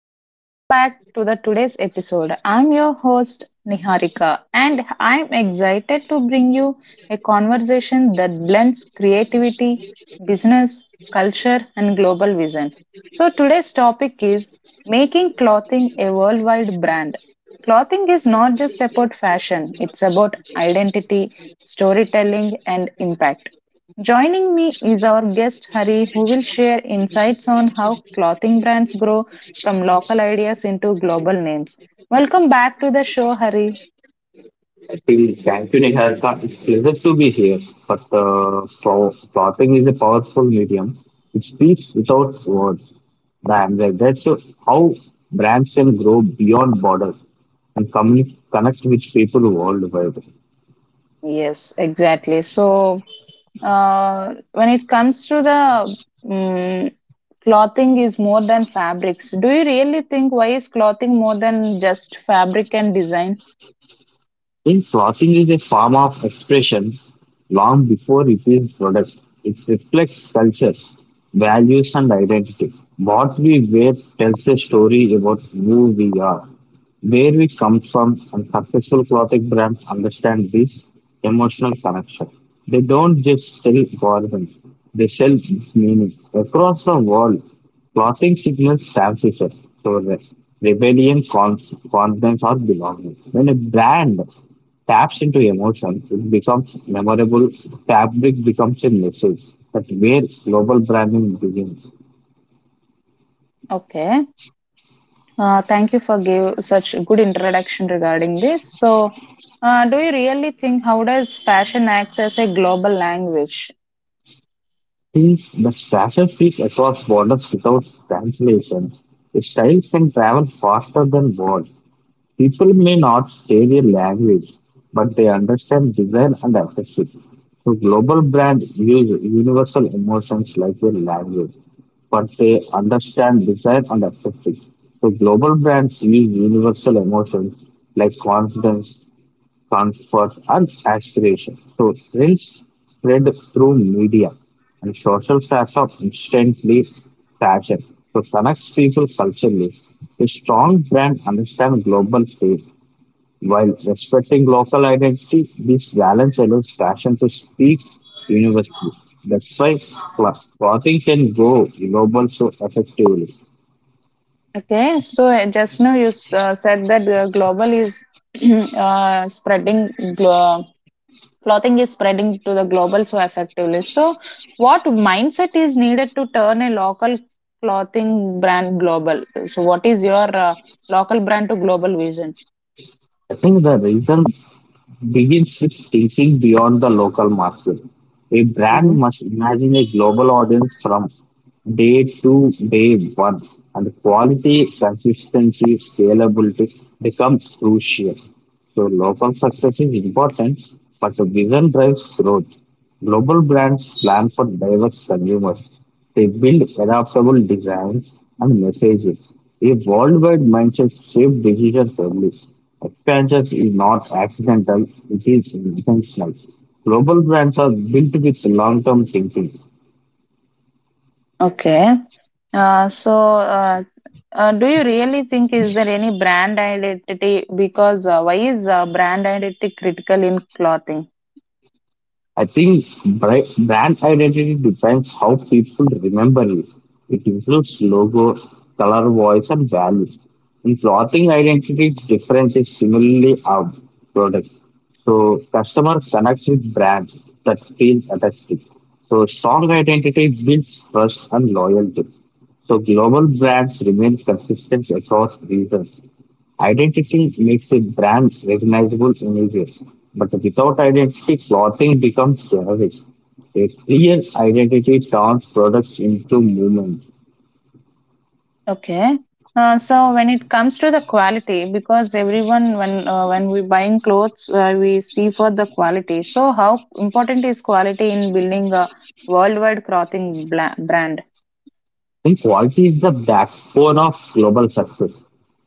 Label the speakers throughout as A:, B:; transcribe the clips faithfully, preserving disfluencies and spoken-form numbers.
A: and welcome back to the today's episode. I'm your host Niharika and I'm excited to bring you a conversation that blends creativity, business, culture and global vision. So today's topic is making clothing a worldwide brand. Clothing is not just about fashion, it's about identity, storytelling and impact. Joining me is our guest Hari, who will share insights on how clothing brands grow from local ideas into global names. Welcome back to the show, Hari.
B: I think thank you, haircut, it's a pleasure to be here, but the so clothing is a powerful medium. It speaks without words. And that's how brands can grow beyond borders and communi- connect with people worldwide.
A: Yes, exactly. So, uh, when it comes to the mm clothing is more than fabrics, do you really think why is clothing more than just fabric and design?
B: Since clothing is a form of expression long before it is product, it reflects culture, values, and identity. What we wear tells a story about who we are, where we come from, and successful clothing brands understand this emotional connection. They don't just sell volume, they sell meaning. Across the world, clothing signals fancy shirt, progress, rebellion, conf- confidence, or belonging. When a brand taps into emotion, it becomes memorable. Fabric becomes a message. That's where global branding begins.
A: Okay. Uh, thank you for give such a good introduction regarding this. So, uh, do you really think how does fashion acts as a global language?
B: Since the fashion speaks across borders without translation, its styles can travel faster than words. People may not say their language, but they understand design and affection. So global brands use universal emotions like their language, but they understand design and affection. So global brands use universal emotions like confidence, comfort, and aspiration. So trends spread through media and social platform instantly fashion. So connects people culturally. A strong brand understands global space while respecting local identity, this balance allows fashion to speak universally. That's why cla- clothing can go global so effectively.
A: Okay, so uh, just now you s- uh, said that uh, global is uh, spreading, glo- clothing is spreading to the global so effectively. So, what mindset is needed to turn a local clothing brand global? So, what is your uh, local brand to global vision?
B: I think the reason begins with thinking beyond the local market. A
A: Hmm.
B: brand must imagine a global audience from day to day one, and quality, consistency, scalability becomes crucial. So local success is important, but the vision drives growth. Global brands plan for diverse consumers, they build adaptable designs and messages. A worldwide mindset shapes decision service. Expansion is not accidental, it is intentional. Global brands are built with long term thinking.
A: Okay. Uh, so, uh, Uh, do you really think is there any brand identity? Because uh, why is uh, brand identity critical in clothing?
B: I think bri- brand identity defines how people remember you. It includes logo, color, voice, and values. In clothing identity, difference is similarly our product. So customer connects with brands that feel attractive. So strong identity builds trust and loyalty. So global brands remain consistent across regions. Identity makes a brand recognizable images, but without identity, clothing becomes generic. A clear identity turns products into movements.
A: Okay. Uh, so when it comes to the quality, because everyone when uh, when we buying clothes, uh, we see for the quality. So how important is quality in building a worldwide clothing bla- brand?
B: Think quality is the backbone of global success.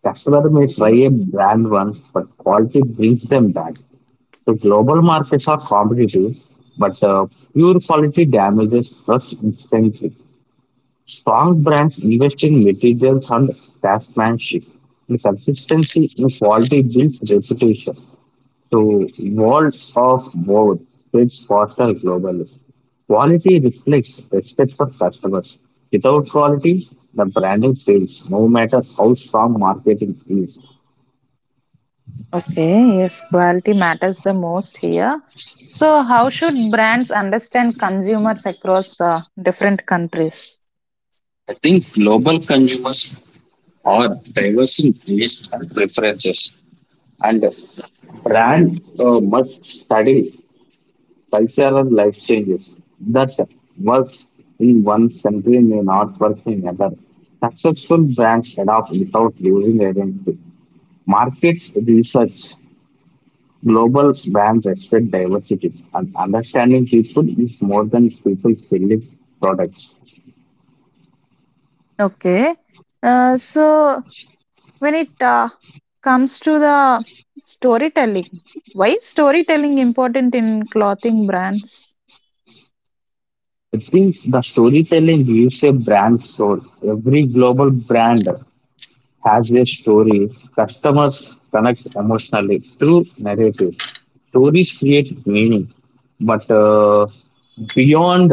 B: Customer may try
A: Hmm.
B: a brand once, but quality brings them back. So global markets are competitive, but uh, pure quality damages trust instantly. Strong brands invest in materials and craftsmanship. And consistency in quality builds reputation. So world of both spreads faster globally. Quality reflects respect for customers. Without quality, the branding fails, no matter how strong marketing is.
A: Okay, yes, quality matters the most here. So how should brands understand consumers across uh, different countries?
B: I think global consumers are diverse in tastes and preferences. And brand uh, must study cultural life changes that works in one country may not work in another. Successful brands adapt without losing identity. Market research, global brands respect diversity, and understanding people is more than people selling products.
A: Okay. Uh, so when it uh, comes to the storytelling, why is storytelling important in clothing brands?
B: I think the storytelling gives a brand soul. Every global brand has a story, customers connect emotionally through narrative. Stories create meaning, but uh, beyond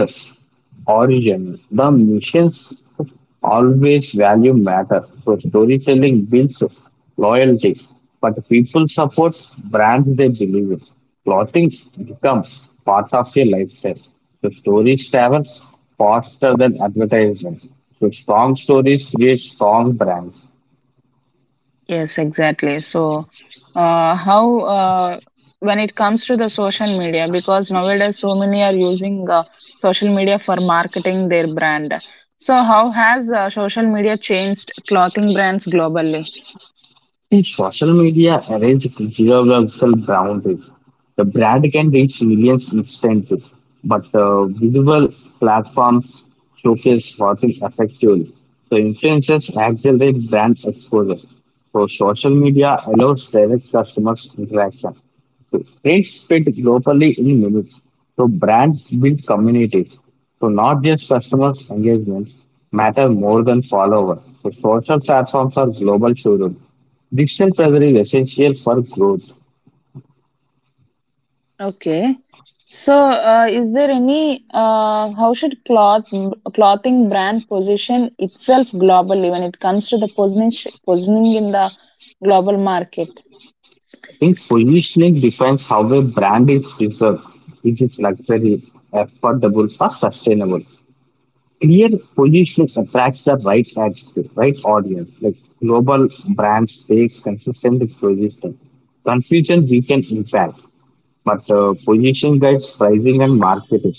B: origin, the missions always value matter. So storytelling builds loyalty, but people support brands they believe in. Clothing becomes part of your lifestyle. So stories travel faster than advertisement. So strong stories create strong brands.
A: Yes, exactly. So, uh, how uh, when it comes to the social media, because nowadays so many are using uh, social media for marketing their brand. So, how has uh, social media changed clothing brands globally?
B: See, social media arrays geographical boundaries. The brand can reach millions instantly, but uh, visible platforms showcase marketing effectively. So influencers accelerate brand exposure. So social media allows direct customers interaction. So trends fit globally in minutes. So brands build communities. So not just customers' engagement matter more than followers. So social platforms are global showrooms. Digital fabric essential for growth.
A: Okay. So, uh, is there any uh, how should cloth clothing brand position itself globally when it comes to the positioning positioning in the global market?
B: I think positioning defines how a brand is preserved, which is luxury, affordable, or sustainable. Clear positioning attracts the right attitude, right audience. Like global brands take consistent positioning. Confusion weakens impact. but uh, position guides pricing and marketing.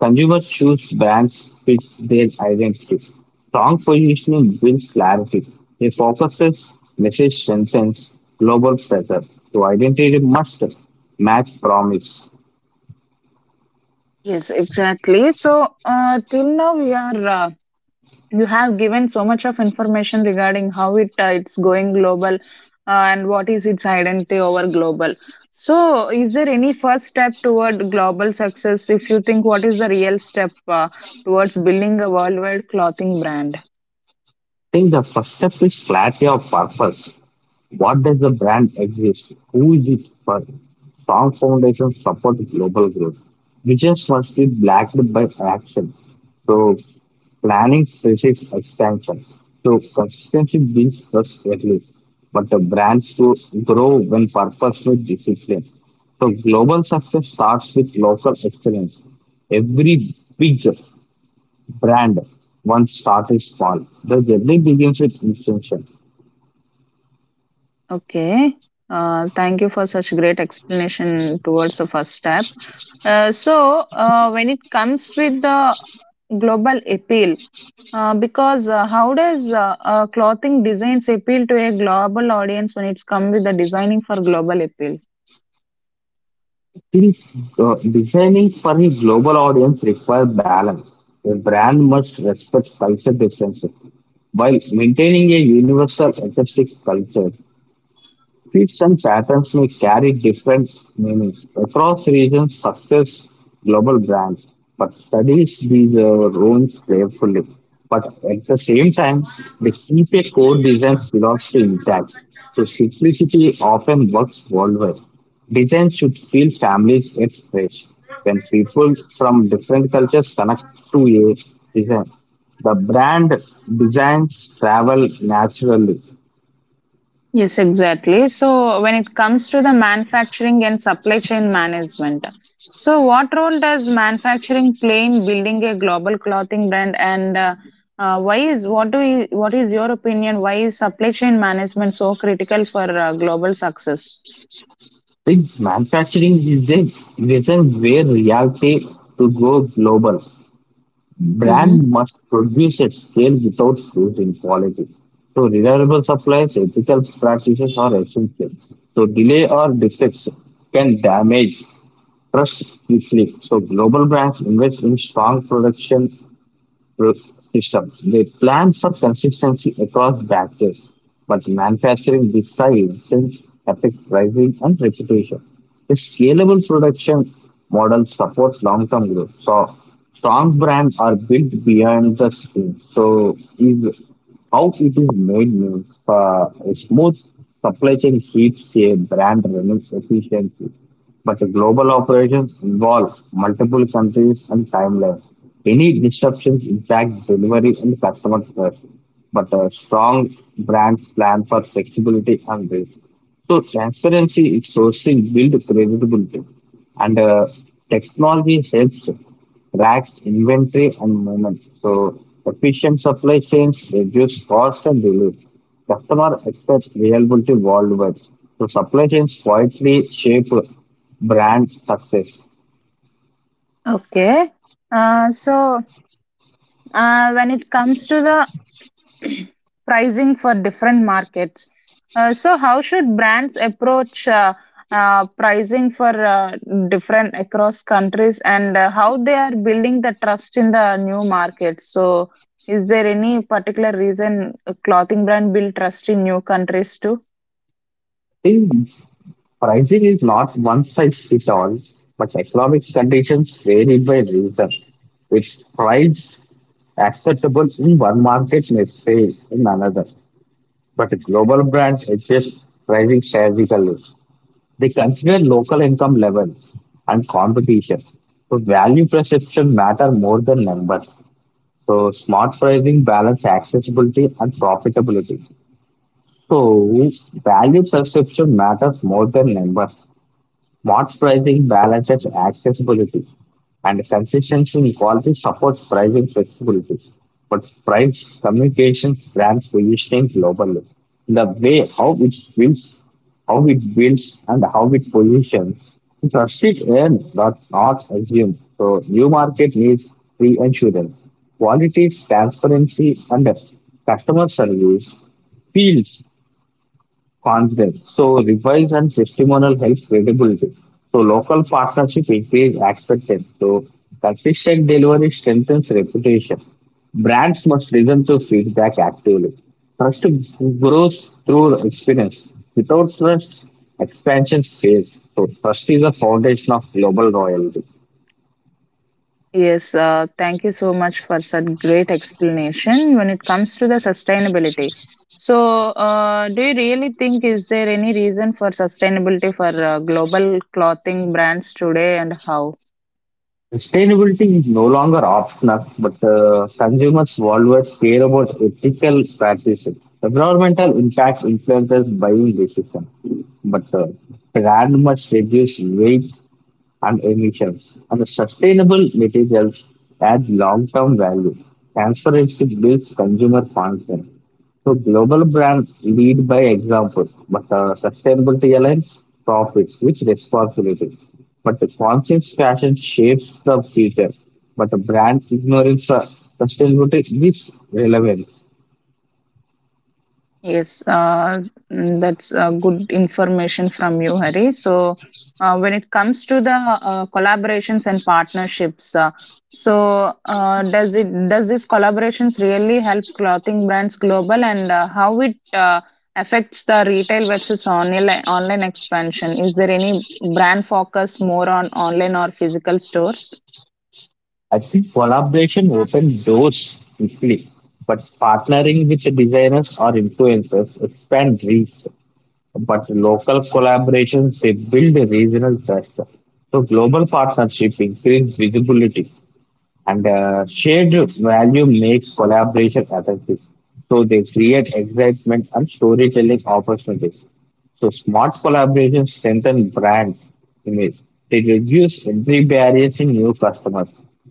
B: Consumers choose brands fit their identity. Strong positioning builds clarity. It focuses, message strengthens global pressure. So identity must match promise.
A: Yes, exactly. So, uh, till now we are uh, you have given so much of information regarding how it uh, it's going global uh, and what is its identity over global. So is there any first step toward global success? If you think what is the real step uh, towards building a worldwide clothing brand?
B: I think the first step is clarity of purpose. What does the brand exist? Who is it for? Strong foundations support global growth. Visions must be backed by action. So planning faces expansion. So consistency builds trust early, but the brands grow grow when purpose with discipline. So global success starts with local excellence. Every big brand once started small. The journey begins with intention.
A: Okay. uh, thank you for such great explanation towards the first step. Uh, so uh, when it comes with the global appeal. Uh, because uh, how does uh, uh, clothing designs appeal to a global audience when it's come with the designing for global appeal?
B: Still, uh, Designing for a global audience requires balance. A brand must respect culture differences while maintaining a universal artistic culture. Feats and patterns may carry different meanings across regions, success, global brands, but studies these uh, rooms carefully. But at the same time, they keep a core design philosophy intact. So simplicity often works worldwide. Design should feel families at fresh. When people from different cultures connect to a design, the brand designs travel naturally.
A: Yes, exactly. So when it comes to the manufacturing and supply chain management, so what role does manufacturing play in building a global clothing brand, and uh, uh, why is what do you, what is your opinion? Why is supply chain management so critical for uh, global success?
B: Big manufacturing is a vision where reality to go global.
A: Mm-hmm.
B: Brand must produce at scale without losing quality. So reliable supplies, ethical practices are essential. So delay or defects can damage trust quickly. So global brands invest in strong production system. They plan for consistency across batches, but manufacturing decides since affects pricing and reputation. A scalable production model supports long-term growth. So strong brands are built beyond the screen. So is how it is made means uh, a smooth supply chain keeps a brand running efficiently but the global operations involve multiple countries and timelines. Any disruptions impact delivery and customer trust. But a strong brands plan for flexibility and risk. So transparency in sourcing build credibility, and uh, technology helps track inventory and movement. So efficient supply chains reduce cost and delays. Customer expects reliability worldwide. So supply chains quietly shape brand success.
A: Okay. Uh, so uh, when it comes to the pricing for different markets. Uh, so, how should brands approach uh, uh, pricing for uh, different across countries and uh, how they are building the trust in the new markets? So, is there any particular reason a clothing brand build trust in new countries too?
B: Pricing is not one size fits all, but economic conditions vary by region, which price acceptable in one market may fail in another. But global brands adjust pricing strategically. They consider local income levels and competition. So value perception matter more than numbers. So smart pricing balance accessibility and profitability. So value perception matters more than numbers. Smart pricing balances accessibility and consistency in quality supports pricing flexibility. But price communication grants positioning globally. The way how it builds, how it builds and how it positions, trust it earn, not, not assume. So new market needs reassurance. Quality, transparency and customer service fields confidence. So revise and testimonial helps credibility. So local partnership increase acceptance. So consistent delivery strengthens reputation. Brands must listen to feedback actively. Trust grows through experience. Without trust, expansion fails. So trust is the foundation of global loyalty.
A: Yes, uh, thank you so much for such great explanation when it comes to the sustainability. So, uh, do you really think is there any reason for sustainability for uh, global clothing brands today, and how?
B: Sustainability is no longer optional, but uh, consumers worldwide care about ethical practices. Environmental impact influences buying decisions, but uh, brand must reduce weight and emissions. And sustainable materials add long-term value. Transparency builds consumer confidence. So global brands lead by example, but uh, sustainability aligns profits with responsibility. But the conscious fashion shapes the future. But the brand ignorance uh, sustainability is relevance.
A: Yes, uh, mm, that's uh, good information from you, Hari. So, uh, when it comes to the uh, collaborations and partnerships, uh, so uh, does it, does these collaborations really help clothing brands global, and uh, how it uh, affects the retail versus online online expansion? Is there any brand focus more on online or physical stores?
B: I think collaboration opens doors quickly, but partnering with the designers or influencers expand reach. But local collaborations they build a regional trust. So global partnership increase visibility and uh, shared value makes collaboration effective. So they create excitement and storytelling opportunities. So smart collaboration strengthen brands image. They reduce entry barriers in new customers.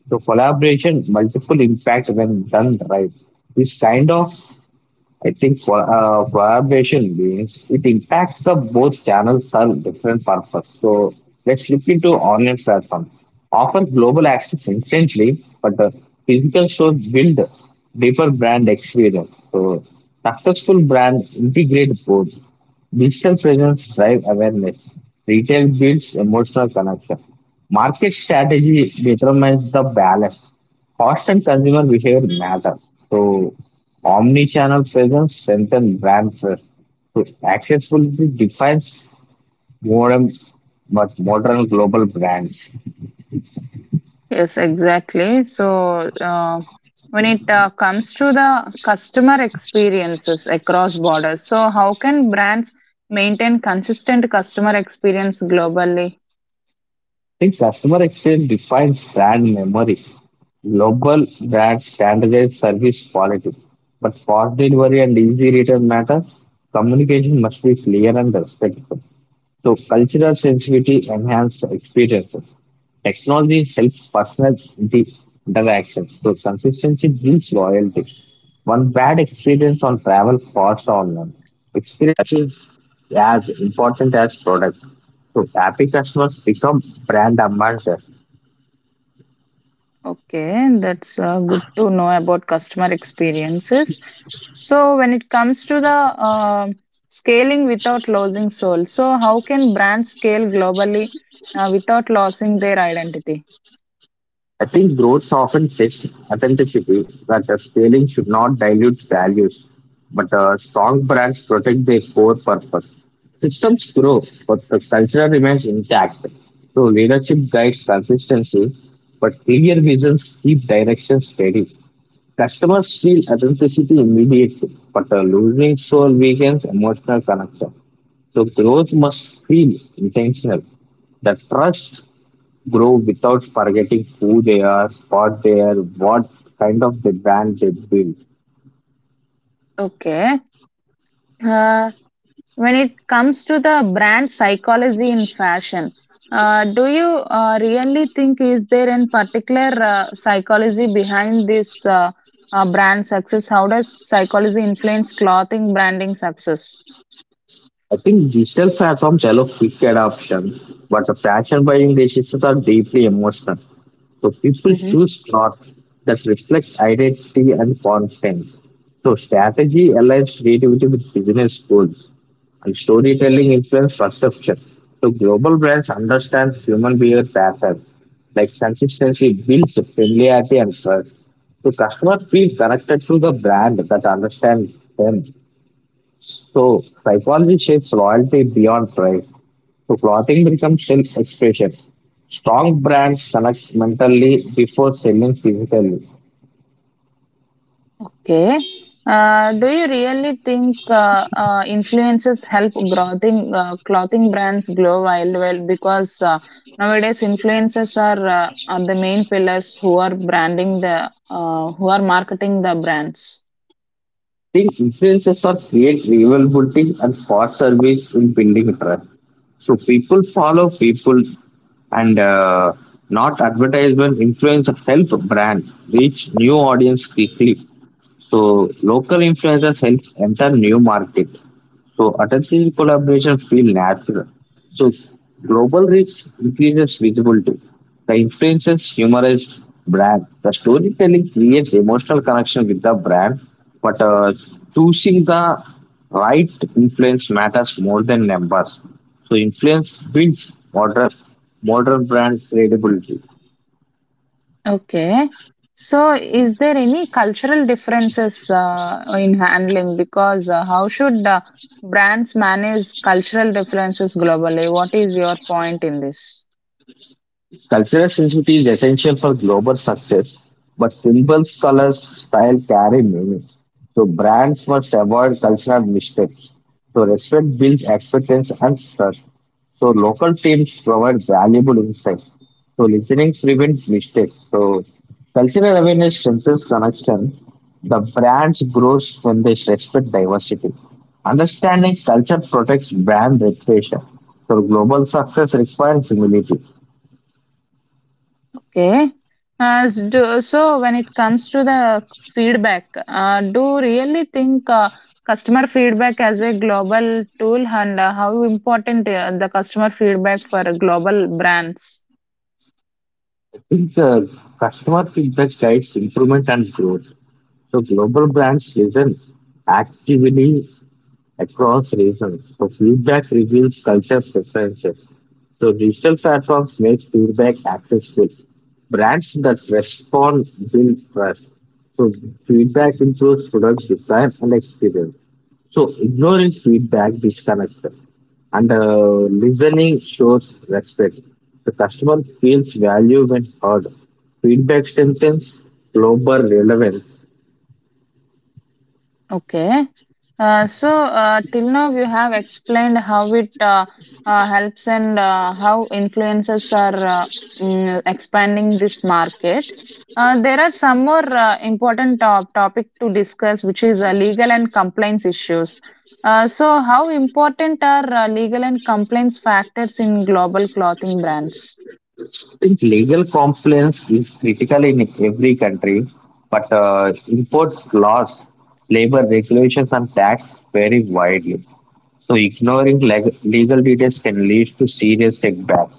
B: So collaboration multiple impact when done right. This kind of I think for uh, collaboration means it impacts the both channels serve different purpose. So let's look into online platform. Offer global access instantly, but the physical stores build deeper brand experience. So successful brands integrate both. Digital presence drive awareness. Retail builds emotional connection. Market strategy determines the balance. Cost and consumer behavior matter. So Omni-channel presence strengthens brand trust. So accessibility defines modern but modern global brands. I
A: Yes, exactly. So, uh, when it uh, comes to the customer experiences across borders, so how can brands maintain consistent customer experience globally?
B: think customer experience defines brand memory. Global brands standardize service quality, but fast delivery and easy return matter. Communication must be clear and respectful. So cultural sensitivity enhances experiences. Technology helps personal di- interaction. So consistency builds loyalty. One bad experience on travel costs online. Experience is as important as product. So happy customers become brand ambassadors.
A: Okay, that's uh, good to know about customer experiences. So, when it comes to the uh, scaling without losing soul, so how can brands scale globally uh, without losing their identity?
B: I think Groves often text authenticity that the scaling should not dilute values, but uh, strong brands protect their core purpose. Systems grow, but the culture remains intact. So leadership guides consistency, but clear visions keep direction steady. Customers feel authenticity immediately, but the losing soul weakens emotional connection. So growth must feel intentional. The trust grow without forgetting who they are, what they are, what kind of the brand they build.
A: Okay. Uh, when it comes to the brand psychology in fashion. Uh, do you uh, really think is there in particular uh, psychology behind this uh, uh, brand success? How does psychology influence clothing branding success?
B: I think digital platforms allow quick adoption, but the fashion buying decisions are deeply emotional. So people choose clothes that reflect identity and content. So strategy aligns creativity with business goals. And storytelling influence perception. So global brands understand human behavior patterns, like consistency builds familiarity and trust. So customers feel connected to the brand that understands them. So psychology shapes loyalty beyond price. So clothing becomes self-expression. Strong brands connect mentally before selling physically.
A: Okay. Uh, do you really think uh, uh, influencers help clothing uh, clothing brands grow wild well? Because uh, nowadays influencers are uh, are the main pillars who are branding the uh, who are marketing the brands.
B: Think influencers are create rivalry and fast service in building trust. So people follow people and uh, not advertisement influencer help brand reach new audience quickly. So local influencers help enter new market. So attention collaboration feel natural. So global reach increases visibility. The influences humorize brand. The storytelling creates emotional connection with the brand, but uh, choosing the right influence matters more than numbers. So influence builds modern modern brand credibility.
A: Okay. So, is there any cultural differences uh, in handling? Because uh, how should uh, brands manage cultural differences globally? What is your point in this?
B: Cultural sensitivity is essential for global success, but symbols, colors, style carry meaning. So brands must avoid cultural mistakes. So respect builds acceptance and trust. So local teams provide valuable insights. So listening prevents mistakes. So cultural awareness strengthens connection. The brands grows when they respect diversity. Understanding culture protects brand reputation. So global success requires humility.
A: Okay. As do, so when it comes to the feedback, uh, do really think uh, customer feedback as a global tool, and uh, how important uh, the customer feedback for global brands?
B: Think, uh, customer feedback guides improvement and growth. So global brands listen actively across regions. So feedback reveals culture preferences. So digital platforms make feedback accessible. Brands that respond build trust. So feedback improves product design and experience. So ignoring feedback disconnects them. And uh, listening shows respect. The customer feels value when heard. Feedback strengthens global relevance.
A: Okay. Uh, so uh, till now you have explained how it uh, uh, helps and uh, how influencers are uh, mm, expanding this market. Uh, there are some more uh, important top topic to discuss, which is uh, legal and compliance issues. Uh, so how important are uh, legal and compliance factors in global clothing brands?
B: I think legal compliance is critical in every country, but uh, import laws, labor regulations, and tax vary widely. So ignoring leg- legal details can lead to serious setbacks.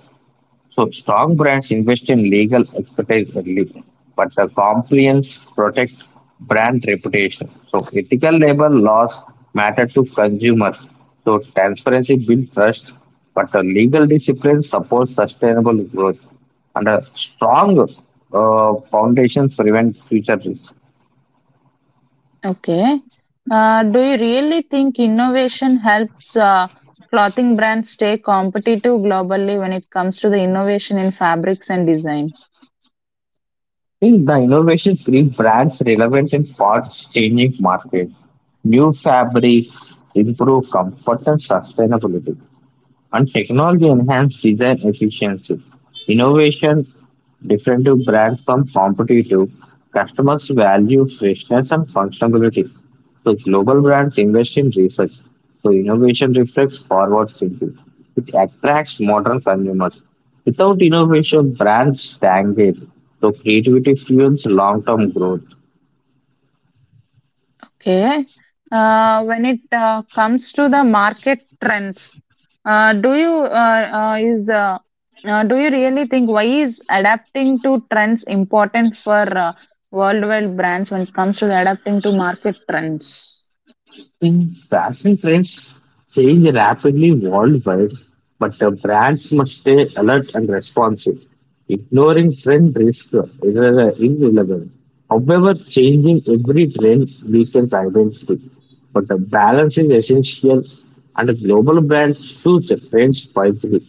B: So strong brands invest in legal expertise early, but the compliance protects brand reputation. So ethical labor laws matter to consumers. So transparency builds trust, but the legal discipline supports sustainable growth. And a strong uh, foundations prevent future risks.
A: Okay. Uh, do you really think innovation helps uh, clothing brands stay competitive globally when it comes to the innovation in fabrics and design?
B: I think the innovation keeps brands relevant in fast changing markets. New fabrics improve comfort and sustainability and technology enhance design efficiency. Innovation differentiates brands from competitive customers value freshness and functionality. So global brands invest in research. So innovation reflects forward thinking. It attracts modern consumers. Without innovation, brands stagnate. So creativity fuels long-term growth.
A: Okay. Uh, when it uh, comes to the market trends, uh, do you uh, uh, is uh, uh, do you really think why is adapting to trends important for uh, worldwide brands when it comes to the adapting to market trends?
B: Mm, Fashion trends change rapidly worldwide, but the brands must stay alert and responsive. Ignoring trend risk is uh, irrelevant. However, changing every trend weakens identity, but the balance is essential, and global brands choose the trends wisely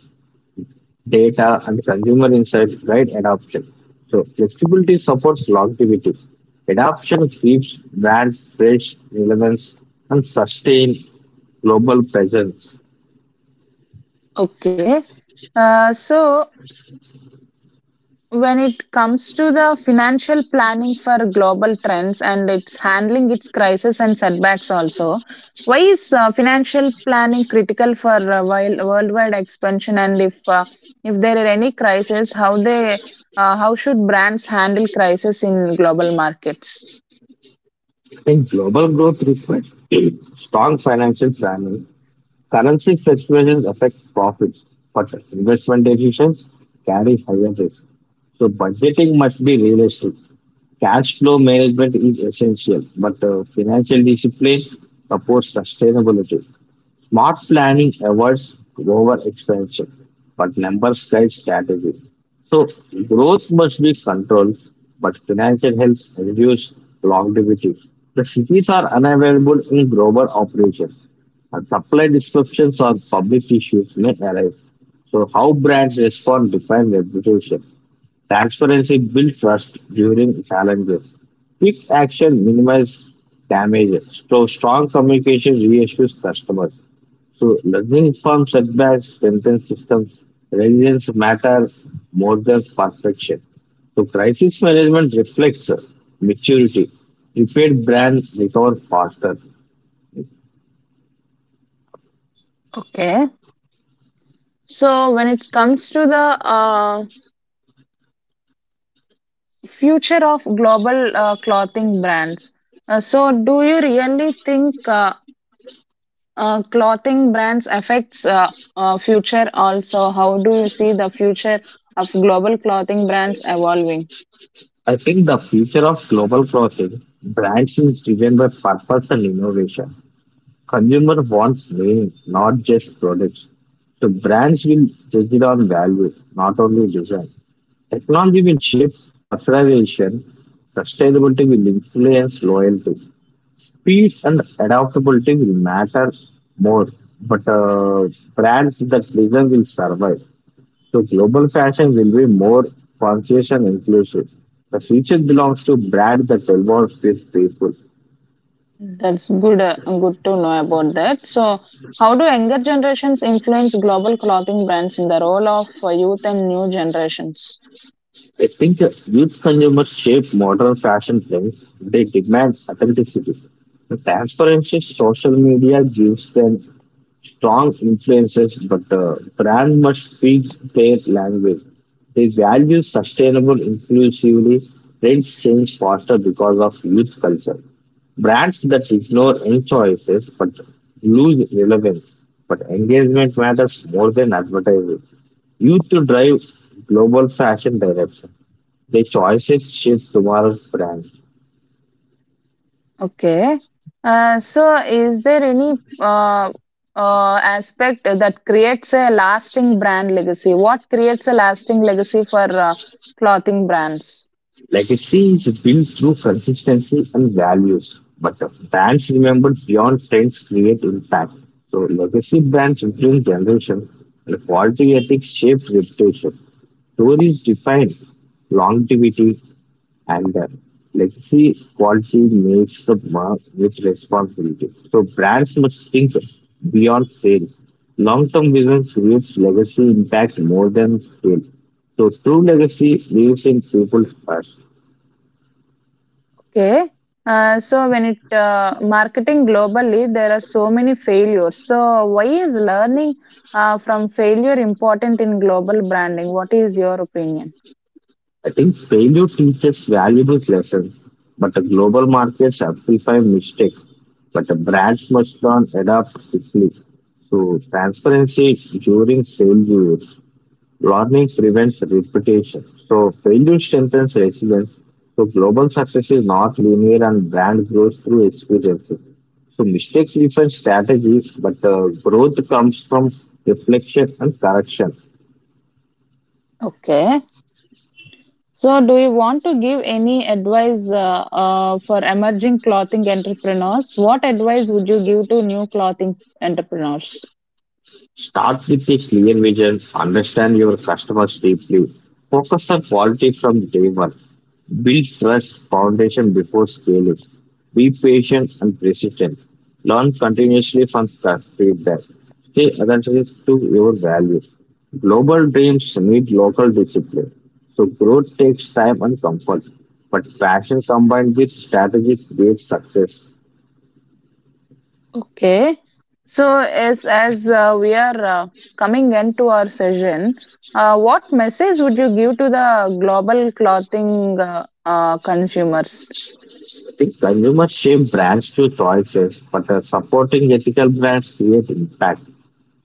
B: data, and consumer insights guide adoption. So flexibility supports longevity. Adoption keeps brands fresh, relevance, and sustained global presence.
A: Okay. Uh, so when it comes to the financial planning for global trends and its handling its crisis and setbacks also, why is uh, financial planning critical for uh, while worldwide expansion? And if uh, if there are any crisis, how they uh, how should brands handle crisis in global markets?
B: I think global growth requires strong financial planning. Currency fluctuations affect profits, but investment decisions carry higher risk. So budgeting must be realistic. Cash flow management is essential, but uh, financial discipline supports sustainability. Smart planning avoids overexpansion, but numbers guide strategy. So growth must be controlled, but financial health reduces longevity. The cities are unavailable in global operations, and supply disruptions or public issues may arise. So how brands respond define reputation. Transparency builds trust during challenges. Quick action minimizes damage. So strong communication reassures customers. So learning from setbacks strengthens systems. Resilience matter more than perfection. So crisis management reflects uh, maturity. Prepared brands recover faster.
A: Okay. So when it comes to the uh, future of global uh, clothing brands, uh, so do you really think Uh, uh, clothing brands affects uh, uh, future also? How do you see the future of global clothing brands evolving?
B: I think the future of global clothing brands is driven by purpose and innovation. Consumer wants meaning, not just products. So brands will judge it on value, not only design. Technology will shape personalization. Sustainability will influence loyalty. Speed and adaptability will matter more, but uh, brands that listen will survive. So global fashion will be more conscious and inclusive. The future belongs to brands that involves these people.
A: That's good, uh, good to know about that. So how do younger generations influence global clothing brands in the role of uh, youth and new generations?
B: I think uh, youth consumers shape modern fashion trends. They demand authenticity. The transparency social media gives them strong influences, but the brand must speak their language. They value sustainable, inclusively. Trends change faster because of youth culture. Brands that ignore young choices but lose relevance. But engagement matters more than advertising. Youth to drive global fashion direction. Their choices shape tomorrow's brand.
A: Okay. Uh, so is there any uh, uh, aspect that creates a lasting brand legacy? What creates a lasting legacy for uh, clothing brands?
B: Legacy is built through consistency and values, but the brands remembered beyond trends create impact. So legacy brands influence generation, and quality ethics shape reputation. Stories define longevity, and uh, legacy quality makes the mark with responsibility. So brands must think beyond sales. Long-term vision creates legacy impact more than sales. So true legacy lives in people first.
A: Okay. Uh, so when it uh, marketing globally, there are so many failures. So why is learning uh, from failure important in global branding? What is your opinion?
B: I think failure teaches valuable lessons, but the global markets amplify mistakes. But the brands must learn adapt quickly. So transparency during failure, learning prevents repetition. So failure strengthens resilience. So global success is not linear, and brand grows through experiences. So mistakes refine strategies, but uh, growth comes from reflection and correction.
A: Okay. So do you want to give any advice uh, uh, for emerging clothing entrepreneurs? What advice would you give to new clothing entrepreneurs?
B: Start with a clear vision, understand your customers deeply, focus on quality from day one, build trust foundation before scaling, be patient and persistent, learn continuously from cu- feedback, stay attentive to your values. Global dreams need local discipline, so growth takes time and comfort, but passion combined with strategy creates success.
A: Okay. So, as as uh, we are uh, coming end to our session, uh, what message would you give to the global clothing uh, uh, consumers?
B: Think consumers shape brands to choices, but the supporting ethical brands create impact.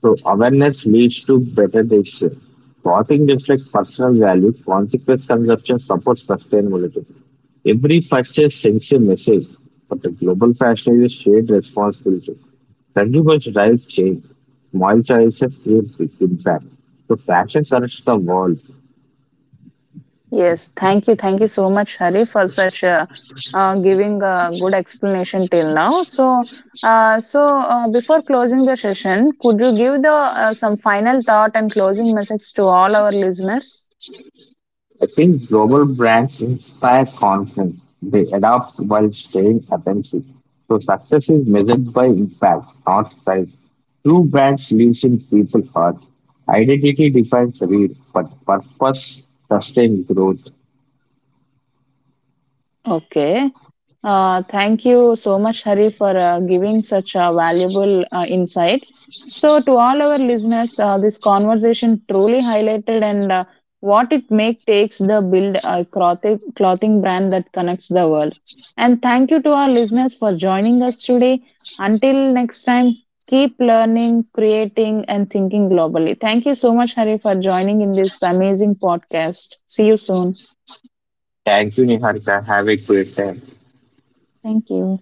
B: So awareness leads to better decisions. Shopping reflects personal value. Consequent consumption supports sustainability. Every purchase sends a message, but the global fashion is a shared responsibility. Consumers drive change. Small choices create big impact. So fashion corrects the world.
A: Yes, thank you, thank you so much, Hari, for such uh, uh, giving a good explanation till now. So, uh, so uh, before closing the session, could you give the uh, some final thought and closing message to all our listeners?
B: I think global brands inspire confidence. They adapt while staying authentic. So success is measured by impact, not size. True brands lives in people's heart. Identity defines real, but purpose sustains growth.
A: Okay. Uh, thank you so much, Hari, for uh, giving such uh, valuable uh, insights. So, to all our listeners, uh, this conversation truly highlighted and uh, what it make takes the build a clothing, clothing brand that connects the world. And thank you to our listeners for joining us today. Until next time, keep learning, creating, and thinking globally. Thank you so much, Hari, for joining in this amazing podcast. See you soon.
B: Thank you, Niharika. Have a great time.
A: Thank you.